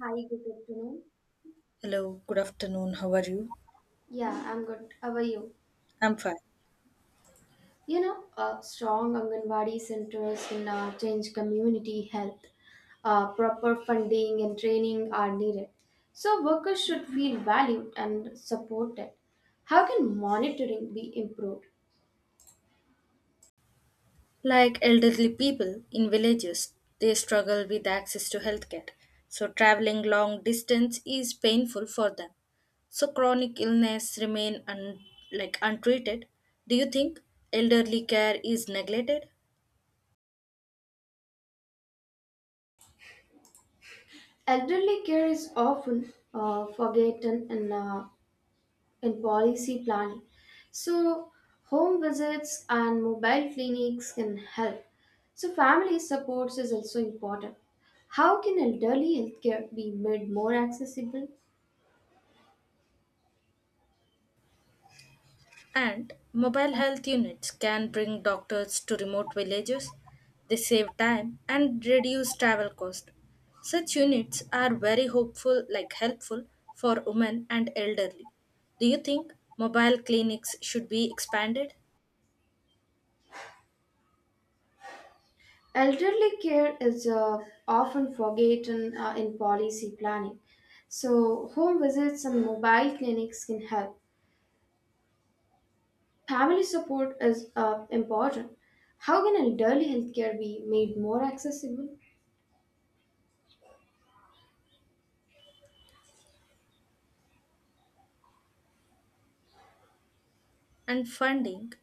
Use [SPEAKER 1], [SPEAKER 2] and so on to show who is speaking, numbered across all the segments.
[SPEAKER 1] Hi, good afternoon.
[SPEAKER 2] Hello, good afternoon. How are you?
[SPEAKER 1] Yeah, I'm good. How are you?
[SPEAKER 2] I'm fine.
[SPEAKER 1] Strong Anganwadi centers in change community health. Proper funding and training are needed. So workers should feel valued and supported. How can monitoring be improved?
[SPEAKER 2] Like elderly people in villages, they struggle with access to healthcare. So traveling long distance is painful for them. So chronic illness remain untreated. Do you think elderly care is neglected?
[SPEAKER 1] Elderly care is often forgotten and in policy planning. So, home visits and mobile clinics can help. So, family supports is also important. How can elderly healthcare be made more accessible?
[SPEAKER 2] And mobile health units can bring doctors to remote villages. They save time and reduce travel cost. Such units are very hopeful like helpful for women and elderly. Do you think mobile clinics should be expanded?
[SPEAKER 1] Elderly care is often forgotten in policy planning. So, home visits and mobile clinics can help. Family support is important. How can elderly healthcare be made more accessible?
[SPEAKER 2] And funding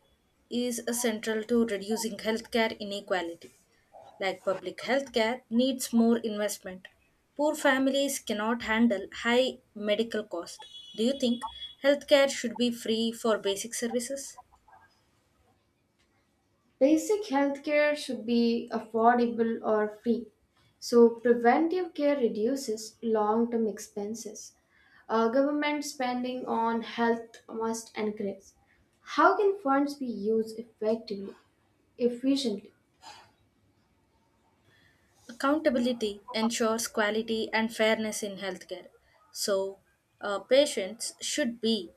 [SPEAKER 2] is essential to reducing healthcare inequality. Like public healthcare needs more investment. Poor families cannot handle high medical cost. Do you think healthcare should be free for basic services?
[SPEAKER 1] Basic healthcare should be affordable or free. So, preventive care reduces long term expenses. Government spending on health must increase. How can funds be used effectively, efficiently?
[SPEAKER 2] Accountability ensures quality and fairness in healthcare. So, patients should be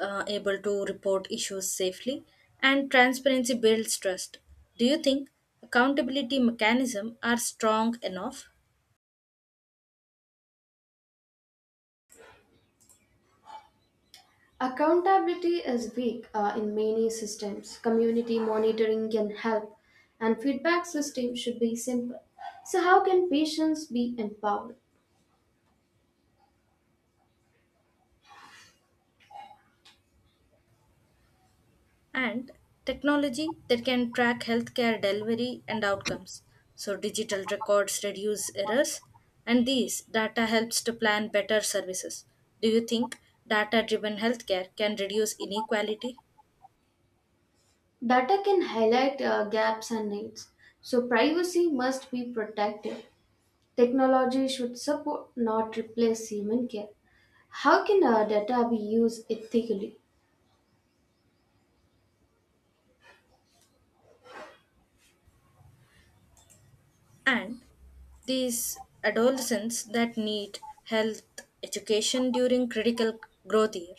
[SPEAKER 2] able to report issues safely, and transparency builds trust. Do you think accountability mechanisms are strong enough?
[SPEAKER 1] Accountability is weak in many systems. Community monitoring can help, and feedback system should be simple. So, how can patients be empowered?
[SPEAKER 2] And technology that can track healthcare delivery and outcomes. So, digital records reduce errors, and these data helps to plan better services. Do you think data driven healthcare can reduce inequality?
[SPEAKER 1] Data can highlight gaps and needs, so privacy must be protected. Technology should support, not replace human care. How can data be used ethically?
[SPEAKER 2] And these adolescents that need health education during critical growth year.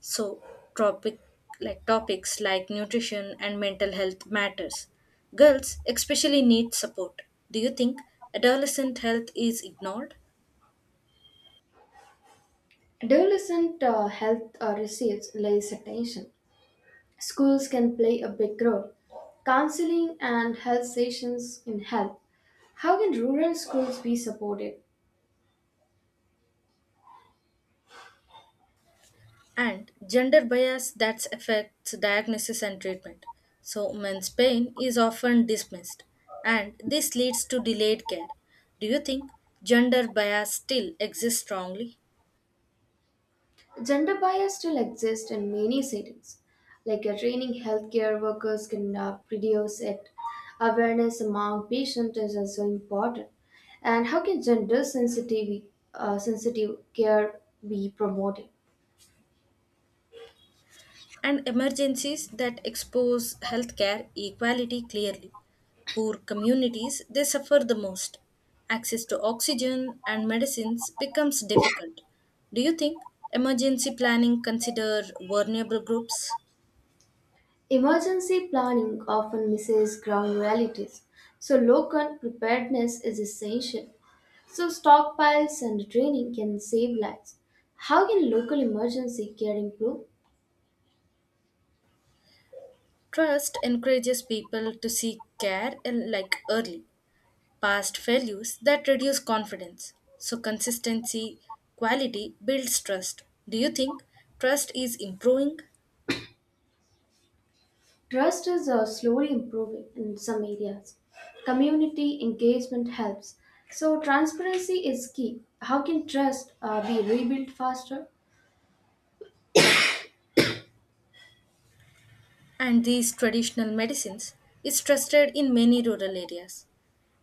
[SPEAKER 2] So topic topics like nutrition and mental health matters. Girls especially need support. Do you think adolescent health is ignored?
[SPEAKER 1] Adolescent health receives less attention. Schools can play a big role. Counseling and health sessions in help. How can rural schools be supported?
[SPEAKER 2] And gender bias that affects diagnosis and treatment. So, men's pain is often dismissed, and this leads to delayed care. Do you think gender bias still exists strongly?
[SPEAKER 1] Gender bias still exists in many settings, like training healthcare workers can reduce it. Awareness among patients is also important. And how can gender sensitive, sensitive care be promoted?
[SPEAKER 2] And emergencies that expose healthcare equality clearly. Poor communities, they suffer the most. Access to oxygen and medicines becomes difficult. Do you think emergency planning consider vulnerable groups?
[SPEAKER 1] Emergency planning often misses ground realities, so local preparedness is essential. So stockpiles and training can save lives. How can local emergency care improve?
[SPEAKER 2] Trust encourages people to seek care and like early, past failures that reduce confidence. So consistency, quality builds trust. Do you think trust is improving?
[SPEAKER 1] Trust is slowly improving in some areas. Community engagement helps. So, transparency is key. How can trust be rebuilt faster?
[SPEAKER 2] And these traditional medicines is trusted in many rural areas.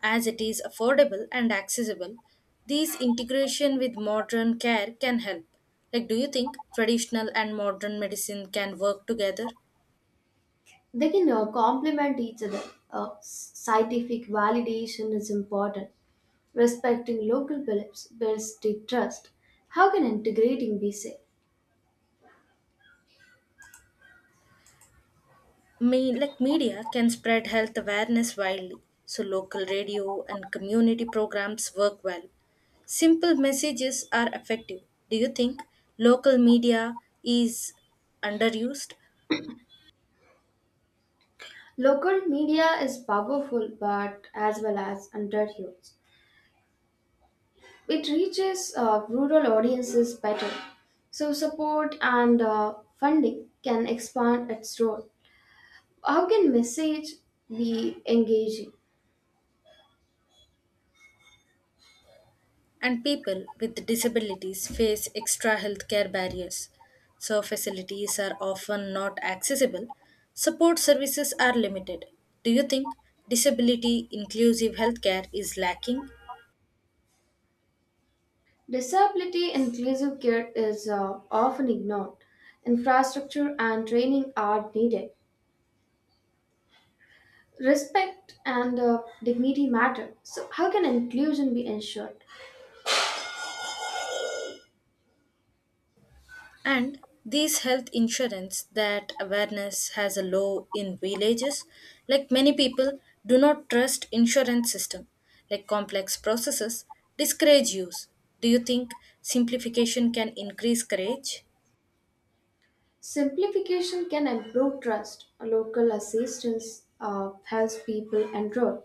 [SPEAKER 2] As it is affordable and accessible, these integration with modern care can help. Like do you think traditional and modern medicine can work together?
[SPEAKER 1] They can complement each other. Scientific validation is important. Respecting local beliefs builds deep trust. How can integrating be safe?
[SPEAKER 2] Me, like Media can spread health awareness widely, so local radio and community programs work well. Simple messages are effective. Do you think local media is underused?
[SPEAKER 1] Local media is powerful but as well as underused. It reaches rural audiences better. So, support and funding can expand its role. How can message be engaging?
[SPEAKER 2] And people with disabilities face extra healthcare barriers? So, facilities are often not accessible, support services are limited. Do you think disability inclusive healthcare is lacking?
[SPEAKER 1] Disability inclusive care is often ignored. Infrastructure and training are needed. Respect and dignity matter. So, how can inclusion be ensured?
[SPEAKER 2] And these health insurance that awareness has a low in villages, like many people do not trust insurance system, like complex processes discourage use. Do you think simplification can increase courage?
[SPEAKER 1] Simplification can improve trust. Local assistance helps people enroll,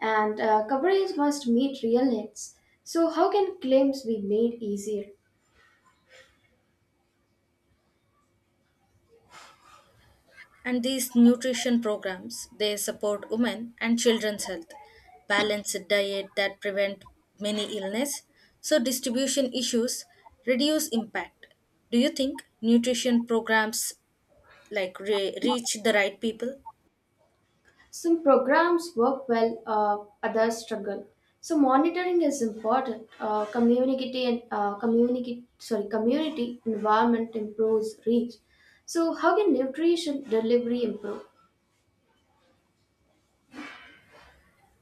[SPEAKER 1] and coverage must meet real needs. So, how can claims be made easier?
[SPEAKER 2] And these nutrition programs they support women and children's health, balanced diet that prevent many illness. So distribution issues reduce impact. Do you think nutrition programs reach the right people.
[SPEAKER 1] Some programs work well, others struggle. So, monitoring is important. Community and community environment improves reach. So, how can nutrition delivery improve?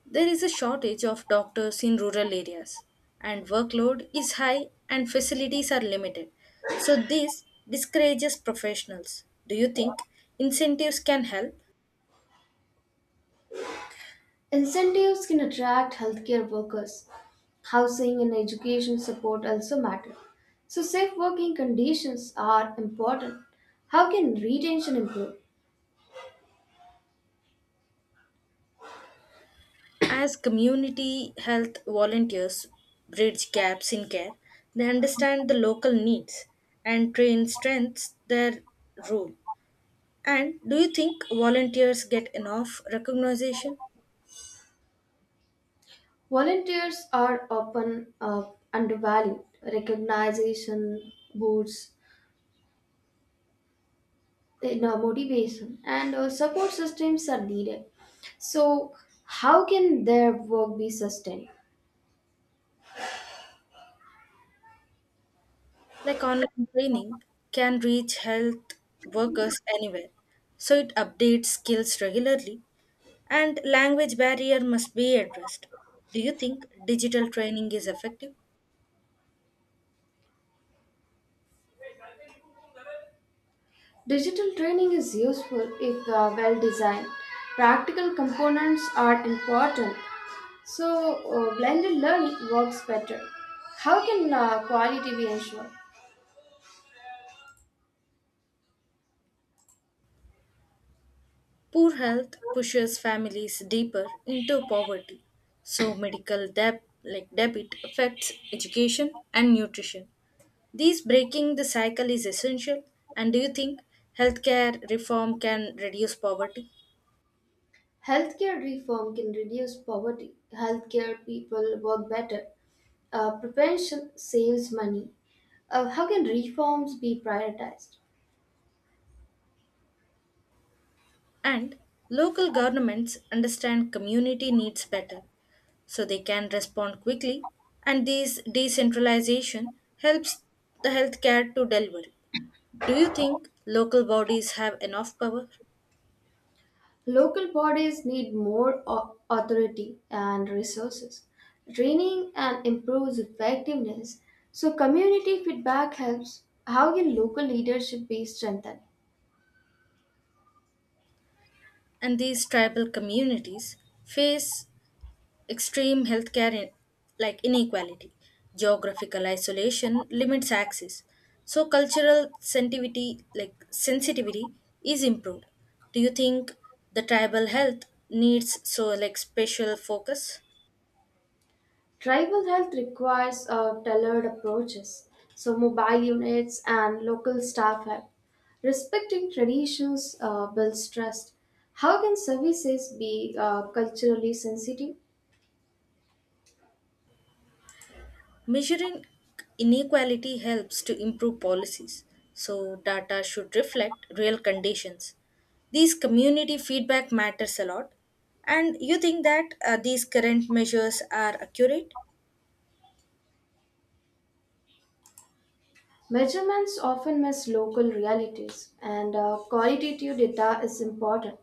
[SPEAKER 2] There is a shortage of doctors in rural areas, and workload is high and facilities are limited. So, this discourages professionals. Do you think incentives can help?
[SPEAKER 1] Incentives can attract healthcare workers. Housing and education support also matter. So, safe working conditions are important. How can retention improve?
[SPEAKER 2] As community health volunteers bridge gaps in care, they understand the local needs and train strengths their role. And do you think volunteers get enough recognition?
[SPEAKER 1] Volunteers are often undervalued. Recognition, boosts, you know, motivation, and support systems are needed. So, how can their work be sustained?
[SPEAKER 2] Like online training can reach health workers anywhere, so it updates skills regularly, and language barrier must be addressed. Do you think digital training is effective?
[SPEAKER 1] Digital training is useful if well designed. Practical components are important, so blended learning works better. How can quality be ensured?
[SPEAKER 2] Poor health pushes families deeper into poverty, so medical debt like debit affects education and nutrition. These breaking the cycle is essential. And do you think healthcare reform can reduce poverty?
[SPEAKER 1] Healthcare reform can reduce poverty. Healthcare people work better. Prevention saves money. How can reforms be prioritized?
[SPEAKER 2] And local governments understand community needs better, so they can respond quickly, and this decentralization helps the healthcare to delivery. Do you think local bodies have enough power?
[SPEAKER 1] Local bodies need more authority and resources, training, and improves effectiveness. So, community feedback helps. How can local leadership be strengthened?
[SPEAKER 2] And these tribal communities face extreme healthcare inequality. Geographical isolation limits access, so cultural sensitivity like sensitivity is improved. Do you think the tribal health needs so like special focus?
[SPEAKER 1] Tribal health requires tailored approaches, so mobile units and local staff help. Respecting traditions builds trust. How can services be culturally sensitive?
[SPEAKER 2] Measuring inequality helps to improve policies, so data should reflect real conditions. These community feedback matters a lot. And you think that these current measures are accurate?
[SPEAKER 1] Measurements often miss local realities, and qualitative data is important.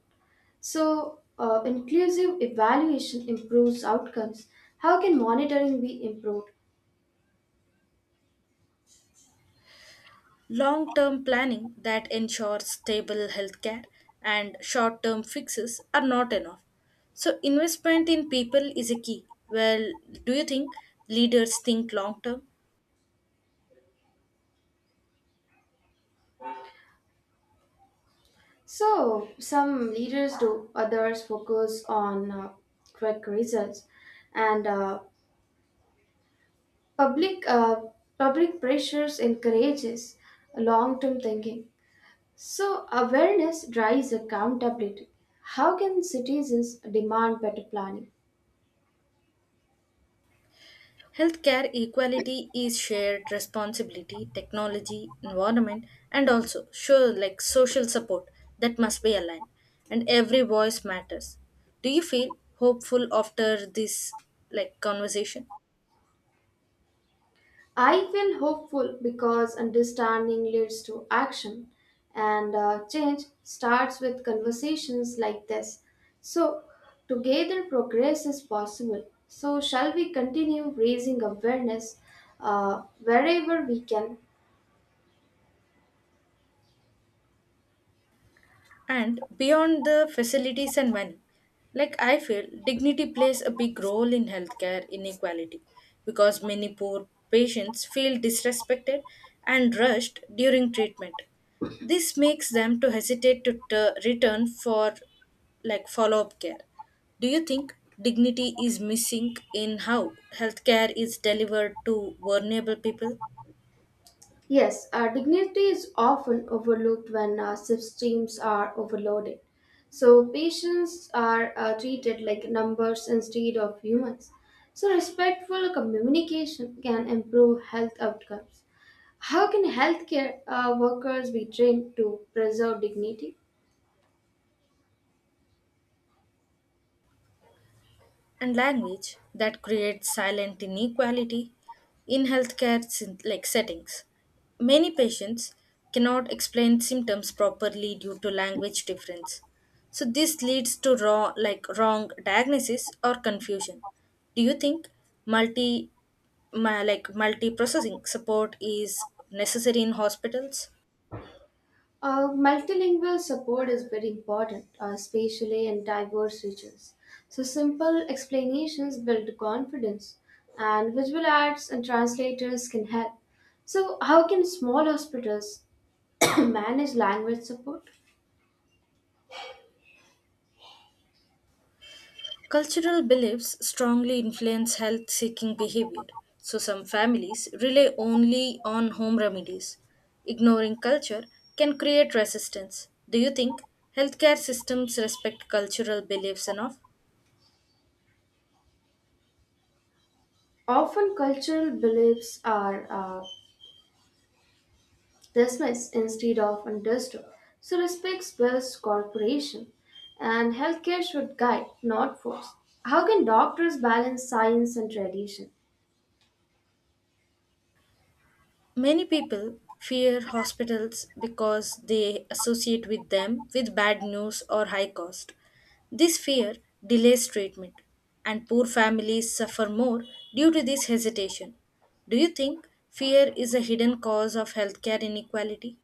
[SPEAKER 1] So, inclusive evaluation improves outcomes. How can monitoring be improved?
[SPEAKER 2] Long term planning that ensures stable healthcare, and short term fixes are not enough. So, investment in people is a key. Well, do you think leaders think long term?
[SPEAKER 1] So, some leaders do, others focus on quick results, and public uh, public pressures encourages long-term thinking. So, awareness drives accountability. How can citizens demand better planning?
[SPEAKER 2] Healthcare equality is shared responsibility, technology, environment, and also sure like social support that must be aligned. And every voice matters. Do you feel hopeful after this like conversation?
[SPEAKER 1] I feel hopeful because understanding leads to action, and change starts with conversations like this. So, together progress is possible. So, shall we continue raising awareness wherever we can?
[SPEAKER 2] And beyond the facilities and money, like I feel, dignity plays a big role in healthcare inequality because many poor patients feel disrespected and rushed during treatment. This makes them to hesitate to return for like follow-up care. Do you think dignity is missing in how healthcare is delivered to vulnerable people?
[SPEAKER 1] Yes, dignity is often overlooked when systems are overloaded. So patients are treated like numbers instead of humans. So respectful communication can improve health outcomes. How can healthcare workers be trained to preserve dignity?
[SPEAKER 2] And language that creates silent inequality in healthcare settings. Many patients cannot explain symptoms properly due to language difference. So this leads to raw, like wrong diagnosis or confusion. Do you think multi multi-processing support is necessary in hospitals?
[SPEAKER 1] Multilingual support is very important, especially in diverse regions. So, simple explanations build confidence, and visual arts and translators can help. So, how can small hospitals manage language support?
[SPEAKER 2] Cultural beliefs strongly influence health seeking behavior, so some families rely only on home remedies. Ignoring culture can create resistance. Do you think healthcare systems respect cultural beliefs enough?
[SPEAKER 1] Often, cultural beliefs are dismissed instead of understood. So, respect builds cooperation, and healthcare should guide, not force. How can doctors balance science and tradition?
[SPEAKER 2] Many people fear hospitals because they associate with them with bad news or high cost. This fear delays treatment, and poor families suffer more due to this hesitation. Do you think fear is a hidden cause of healthcare inequality?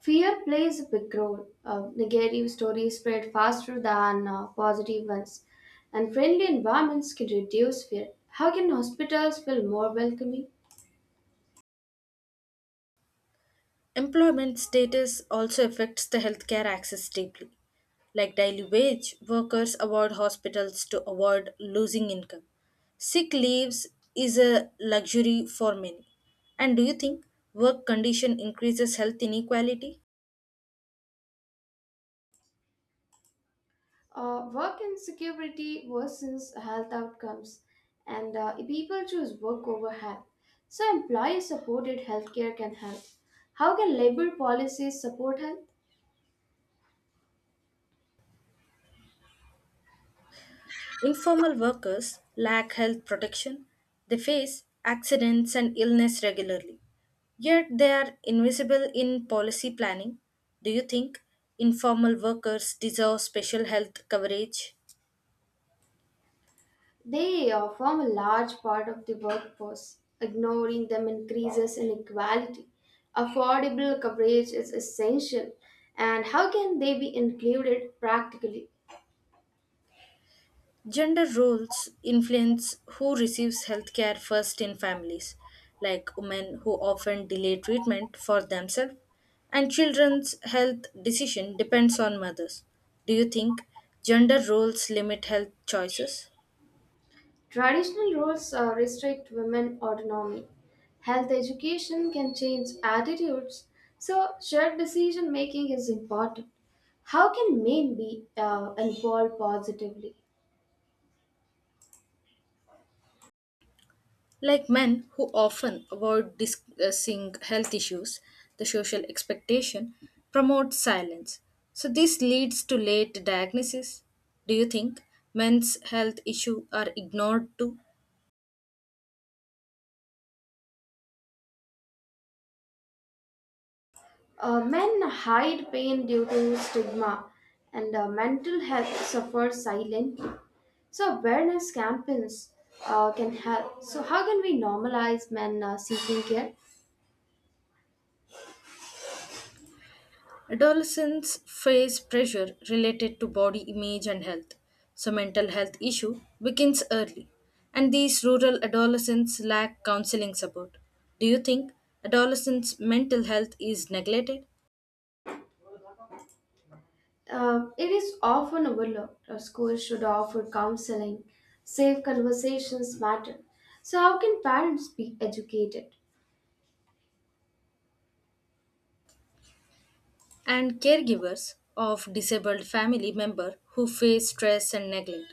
[SPEAKER 1] Fear plays a big role. Negative stories spread faster than positive ones, and friendly environments can reduce fear. How can hospitals feel more welcoming?
[SPEAKER 2] Employment status also affects the healthcare access deeply. Like daily wage, workers avoid hospitals to avoid losing income. Sick leaves is a luxury for many. And do you think work condition increases health inequality?
[SPEAKER 1] Work insecurity worsens health outcomes, and people choose work over health. So, employee supported healthcare can help. How can labor policies support health?
[SPEAKER 2] Informal workers lack health protection, they face accidents and illness regularly, yet they are invisible in policy planning. Do you think informal workers deserve special health coverage?
[SPEAKER 1] They form a large part of the workforce. Ignoring them increases inequality. Affordable coverage is essential. And how can they be included practically?
[SPEAKER 2] Gender roles influence who receives healthcare first in families, like women who often delay treatment for themselves, and children's health decision depends on mothers. Do you think gender roles limit health choices?
[SPEAKER 1] Traditional roles restrict women autonomy. Health education can change attitudes. So, shared decision making is important. How can men be involved positively?
[SPEAKER 2] Like men who often avoid discussing health issues, the social expectation promotes silence. So this leads to late diagnosis. Do you think men's health issues are ignored too?
[SPEAKER 1] Men hide pain due to stigma, and mental health suffers silently. So awareness campaigns can help. So how can we normalize men seeking care?
[SPEAKER 2] Adolescents face pressure related to body image and health. So mental health issue begins early, and these rural adolescents lack counseling support. Do you think adolescents' mental health is neglected?
[SPEAKER 1] It is often overlooked. Schools should offer counseling. Safe conversations matter. So how can parents be educated?
[SPEAKER 2] And caregivers of disabled family member who face stress and neglect,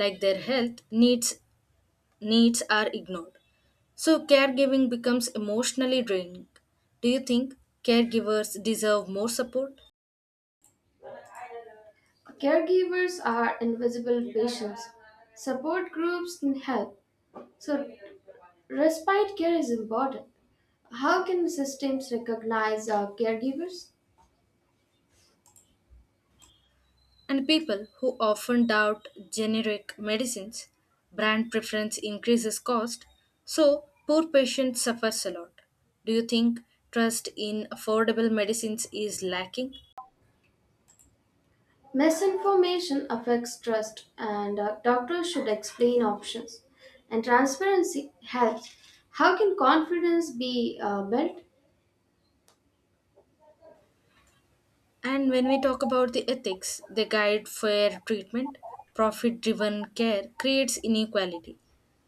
[SPEAKER 2] like their health needs needs are ignored, so caregiving becomes emotionally draining. Do you think caregivers deserve more support?
[SPEAKER 1] Caregivers are invisible patients. Support groups can help. So respite care is important. How can systems recognize caregivers?
[SPEAKER 2] And people who often doubt generic medicines, brand preference increases cost, so poor patients suffers a lot. Do you think trust in affordable medicines is lacking?
[SPEAKER 1] Misinformation affects trust, and doctors should explain options. And transparency helps. How can confidence be built?
[SPEAKER 2] And when we talk about the ethics, they guide fair treatment. Profit driven care creates inequality.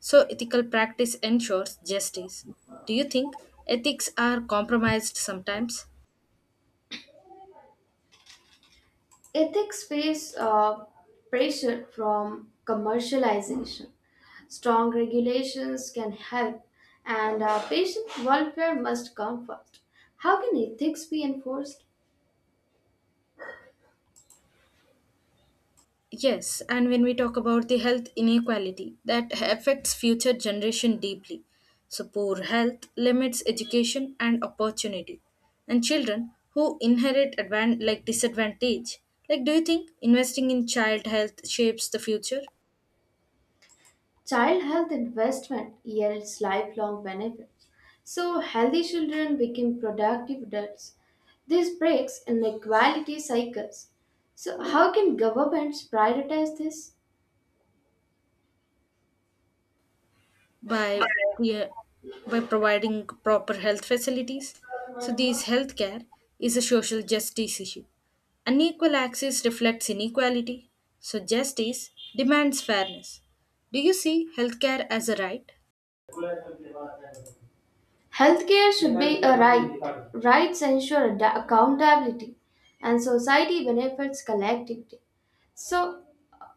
[SPEAKER 2] So, ethical practice ensures justice. Do you think ethics are compromised sometimes?
[SPEAKER 1] Ethics face pressure from commercialization. Strong regulations can help, and patient welfare must come first. How can ethics be enforced?
[SPEAKER 2] Yes, and when we talk about the health inequality, that affects future generation deeply. So poor health limits education and opportunity. And children who inherit disadvantage, like do you think investing in child health shapes the future?
[SPEAKER 1] Child health investment yields lifelong benefits. So, healthy children become productive adults. This breaks inequality cycles. So, how can governments prioritize this?
[SPEAKER 2] By yeah, by providing proper health facilities. So these healthcare is a social justice issue. Unequal access reflects inequality. So justice demands fairness. Do you see healthcare as a right?
[SPEAKER 1] Healthcare should be a right. Rights ensure accountability, and society benefits collectively. So,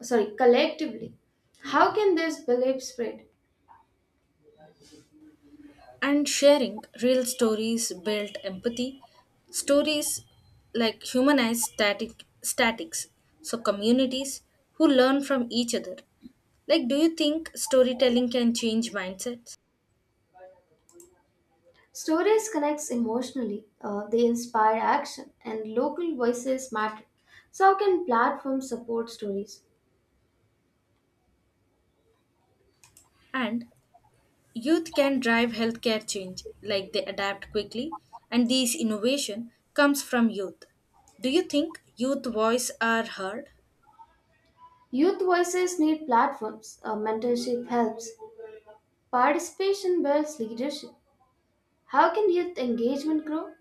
[SPEAKER 1] sorry, collectively. How can this belief spread?
[SPEAKER 2] And sharing real stories built empathy. Stories like humanize static statics. So communities who learn from each other. Like, do you think storytelling can change mindsets?
[SPEAKER 1] Stories connects emotionally, they inspire action, and local voices matter. So, how can platforms support stories?
[SPEAKER 2] And youth can drive healthcare change, like they adapt quickly, and this innovation comes from youth. Do you think youth voice are heard?
[SPEAKER 1] Youth voices need platforms, mentorship helps, participation builds leadership. How can youth engagement grow?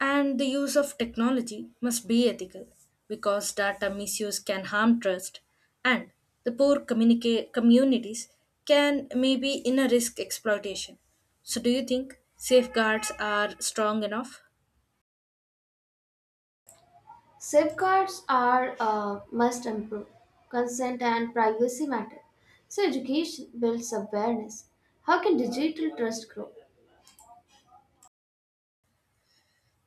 [SPEAKER 2] And the use of technology must be ethical, because data misuse can harm trust, and the poor communities can maybe in a risk exploitation. So, do you think safeguards are strong enough?
[SPEAKER 1] Safeguards are must improve, consent and privacy matter. So, education builds awareness. How can digital trust grow?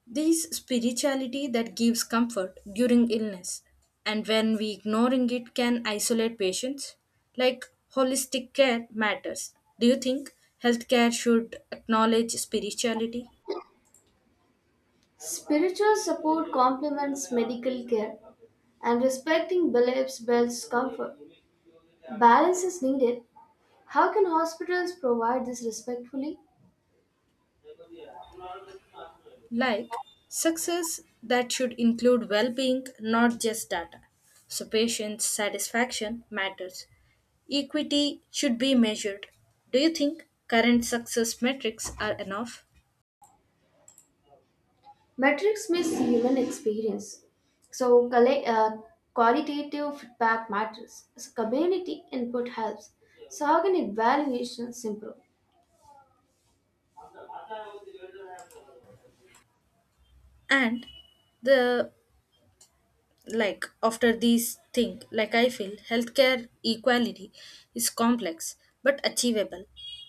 [SPEAKER 2] This spirituality that gives comfort during illness, and when we ignoring it can isolate patients, like holistic care matters. Do you think healthcare should acknowledge spirituality?
[SPEAKER 1] Spiritual support complements medical care, and respecting beliefs builds comfort. Balance is needed. How can hospitals provide this respectfully?
[SPEAKER 2] Like success that should include well-being not just data. So patients satisfaction matters. Equity should be measured. Do you think current success metrics are enough?
[SPEAKER 1] Metrics miss human experience. So, qualitative feedback matters. So, community input helps. So, how can evaluations improve?
[SPEAKER 2] And the like after these thing like I feel healthcare equality is complex but achievable.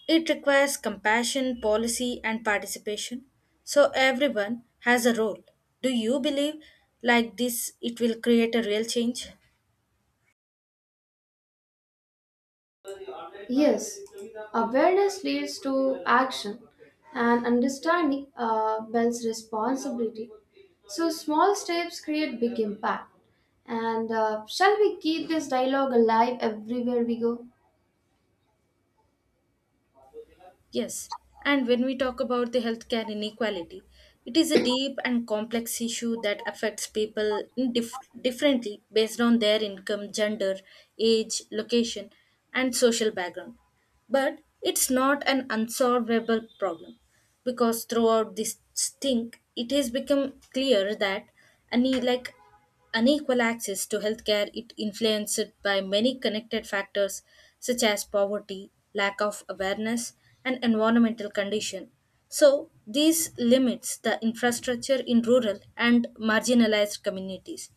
[SPEAKER 2] It requires compassion policy and participation, so everyone has a role. Do you believe like this it will create a real change?
[SPEAKER 1] Yes, awareness leads to action, and understanding builds responsibility. So small steps create big impact. And shall we keep this dialogue alive everywhere we go?
[SPEAKER 2] Yes, and when we talk about the healthcare inequality, it is a deep and complex issue that affects people in differently based on their income, gender, age, location, and social background. But it's not an unsolvable problem because throughout this thing, it has become clear that any like unequal access to healthcare is influenced by many connected factors such as poverty, lack of awareness, and environmental condition. So, this limits the infrastructure in rural and marginalized communities.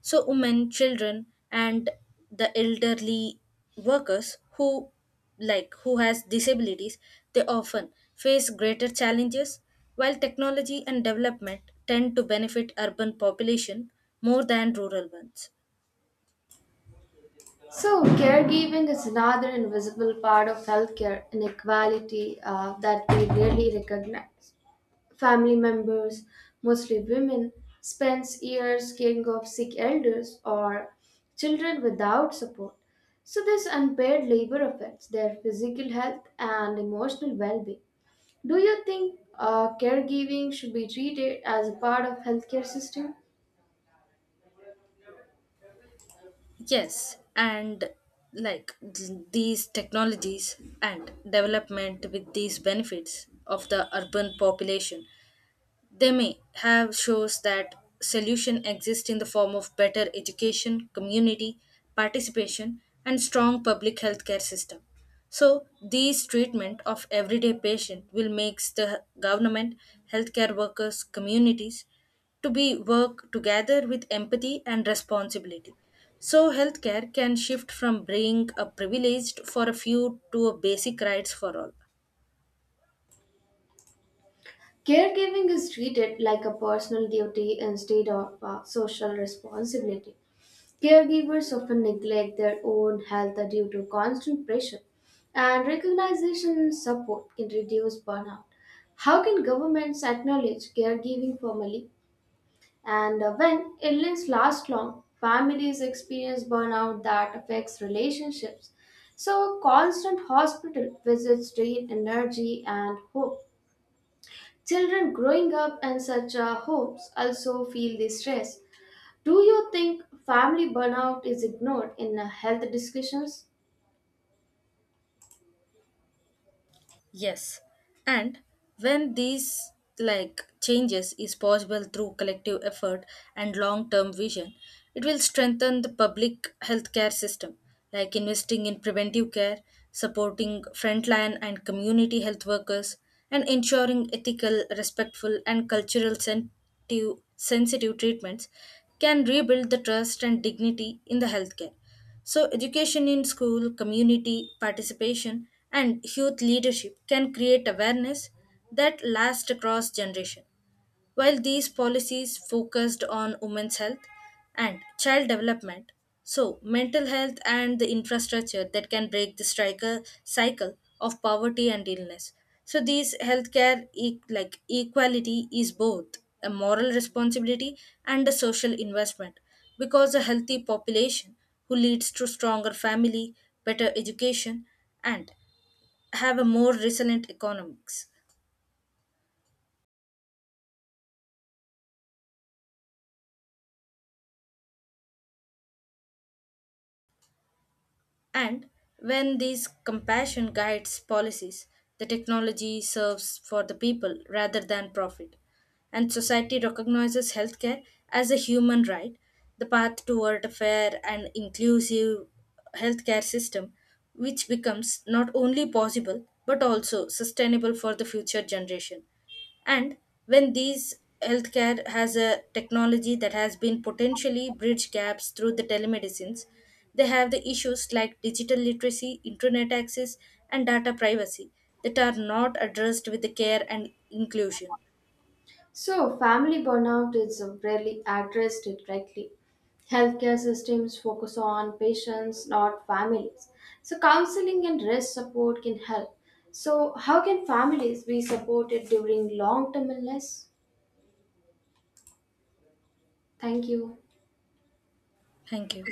[SPEAKER 2] So, women, children, and the elderly workers who like who has disabilities, they often face greater challenges while technology and development tend to benefit urban population more than rural ones.
[SPEAKER 1] So caregiving is another invisible part of healthcare inequality that we rarely recognize. Family members, mostly women, spends years caring of sick elders or children without support. So, this unpaid labor affects their physical health and emotional well being. Do you think caregiving should be treated as a part of healthcare system?
[SPEAKER 2] Yes, and like these technologies and development with these benefits of the urban population, they may have shows that solution exists in the form of better education, community participation, and strong public healthcare system. So these treatment of everyday patient will makes the government, healthcare workers, communities to be work together with empathy and responsibility. So healthcare can shift from being a privileged for a few to a basic rights for all.
[SPEAKER 1] Caregiving is treated like a personal duty instead of a social responsibility. Caregivers often neglect their own health due to constant pressure, and recognition and support can reduce burnout. How can governments acknowledge caregiving formally? And When illness lasts long, families experience burnout that affects relationships. So, constant hospital visits drain energy and hope. Children growing up in such homes also feel the stress. Do you think family burnout is ignored in health discussions?
[SPEAKER 2] Yes, and when these like changes is possible through collective effort and long-term vision, it will strengthen the public healthcare system, like investing in preventive care, supporting frontline and community health workers, and ensuring ethical, respectful, and sensitive treatments can rebuild the trust and dignity in the healthcare. So, education in school, community participation, and youth leadership can create awareness that lasts across generation. While these policies focused on women's health and child development, so mental health and the infrastructure that can break the striker cycle of poverty and illness. So these healthcare e- like equality is both a moral responsibility and a social investment because a healthy population who leads to stronger family, better education and have a more resilient economics. And when these compassion guides policies, the technology serves for the people rather than profit, and society recognizes healthcare as a human right, the path toward a fair and inclusive healthcare system, which becomes not only possible but also sustainable for the future generation. And when these healthcare has a technology that has been potentially bridge gaps through the telemedicines, they have the issues like digital literacy, internet access, and data privacy that are not addressed with the care and inclusion.
[SPEAKER 1] So, family burnout is rarely addressed directly. Healthcare systems focus on patients, not families. So, counseling and rest support can help. So, how can families be supported during long term illness? Thank you.
[SPEAKER 2] Thank you.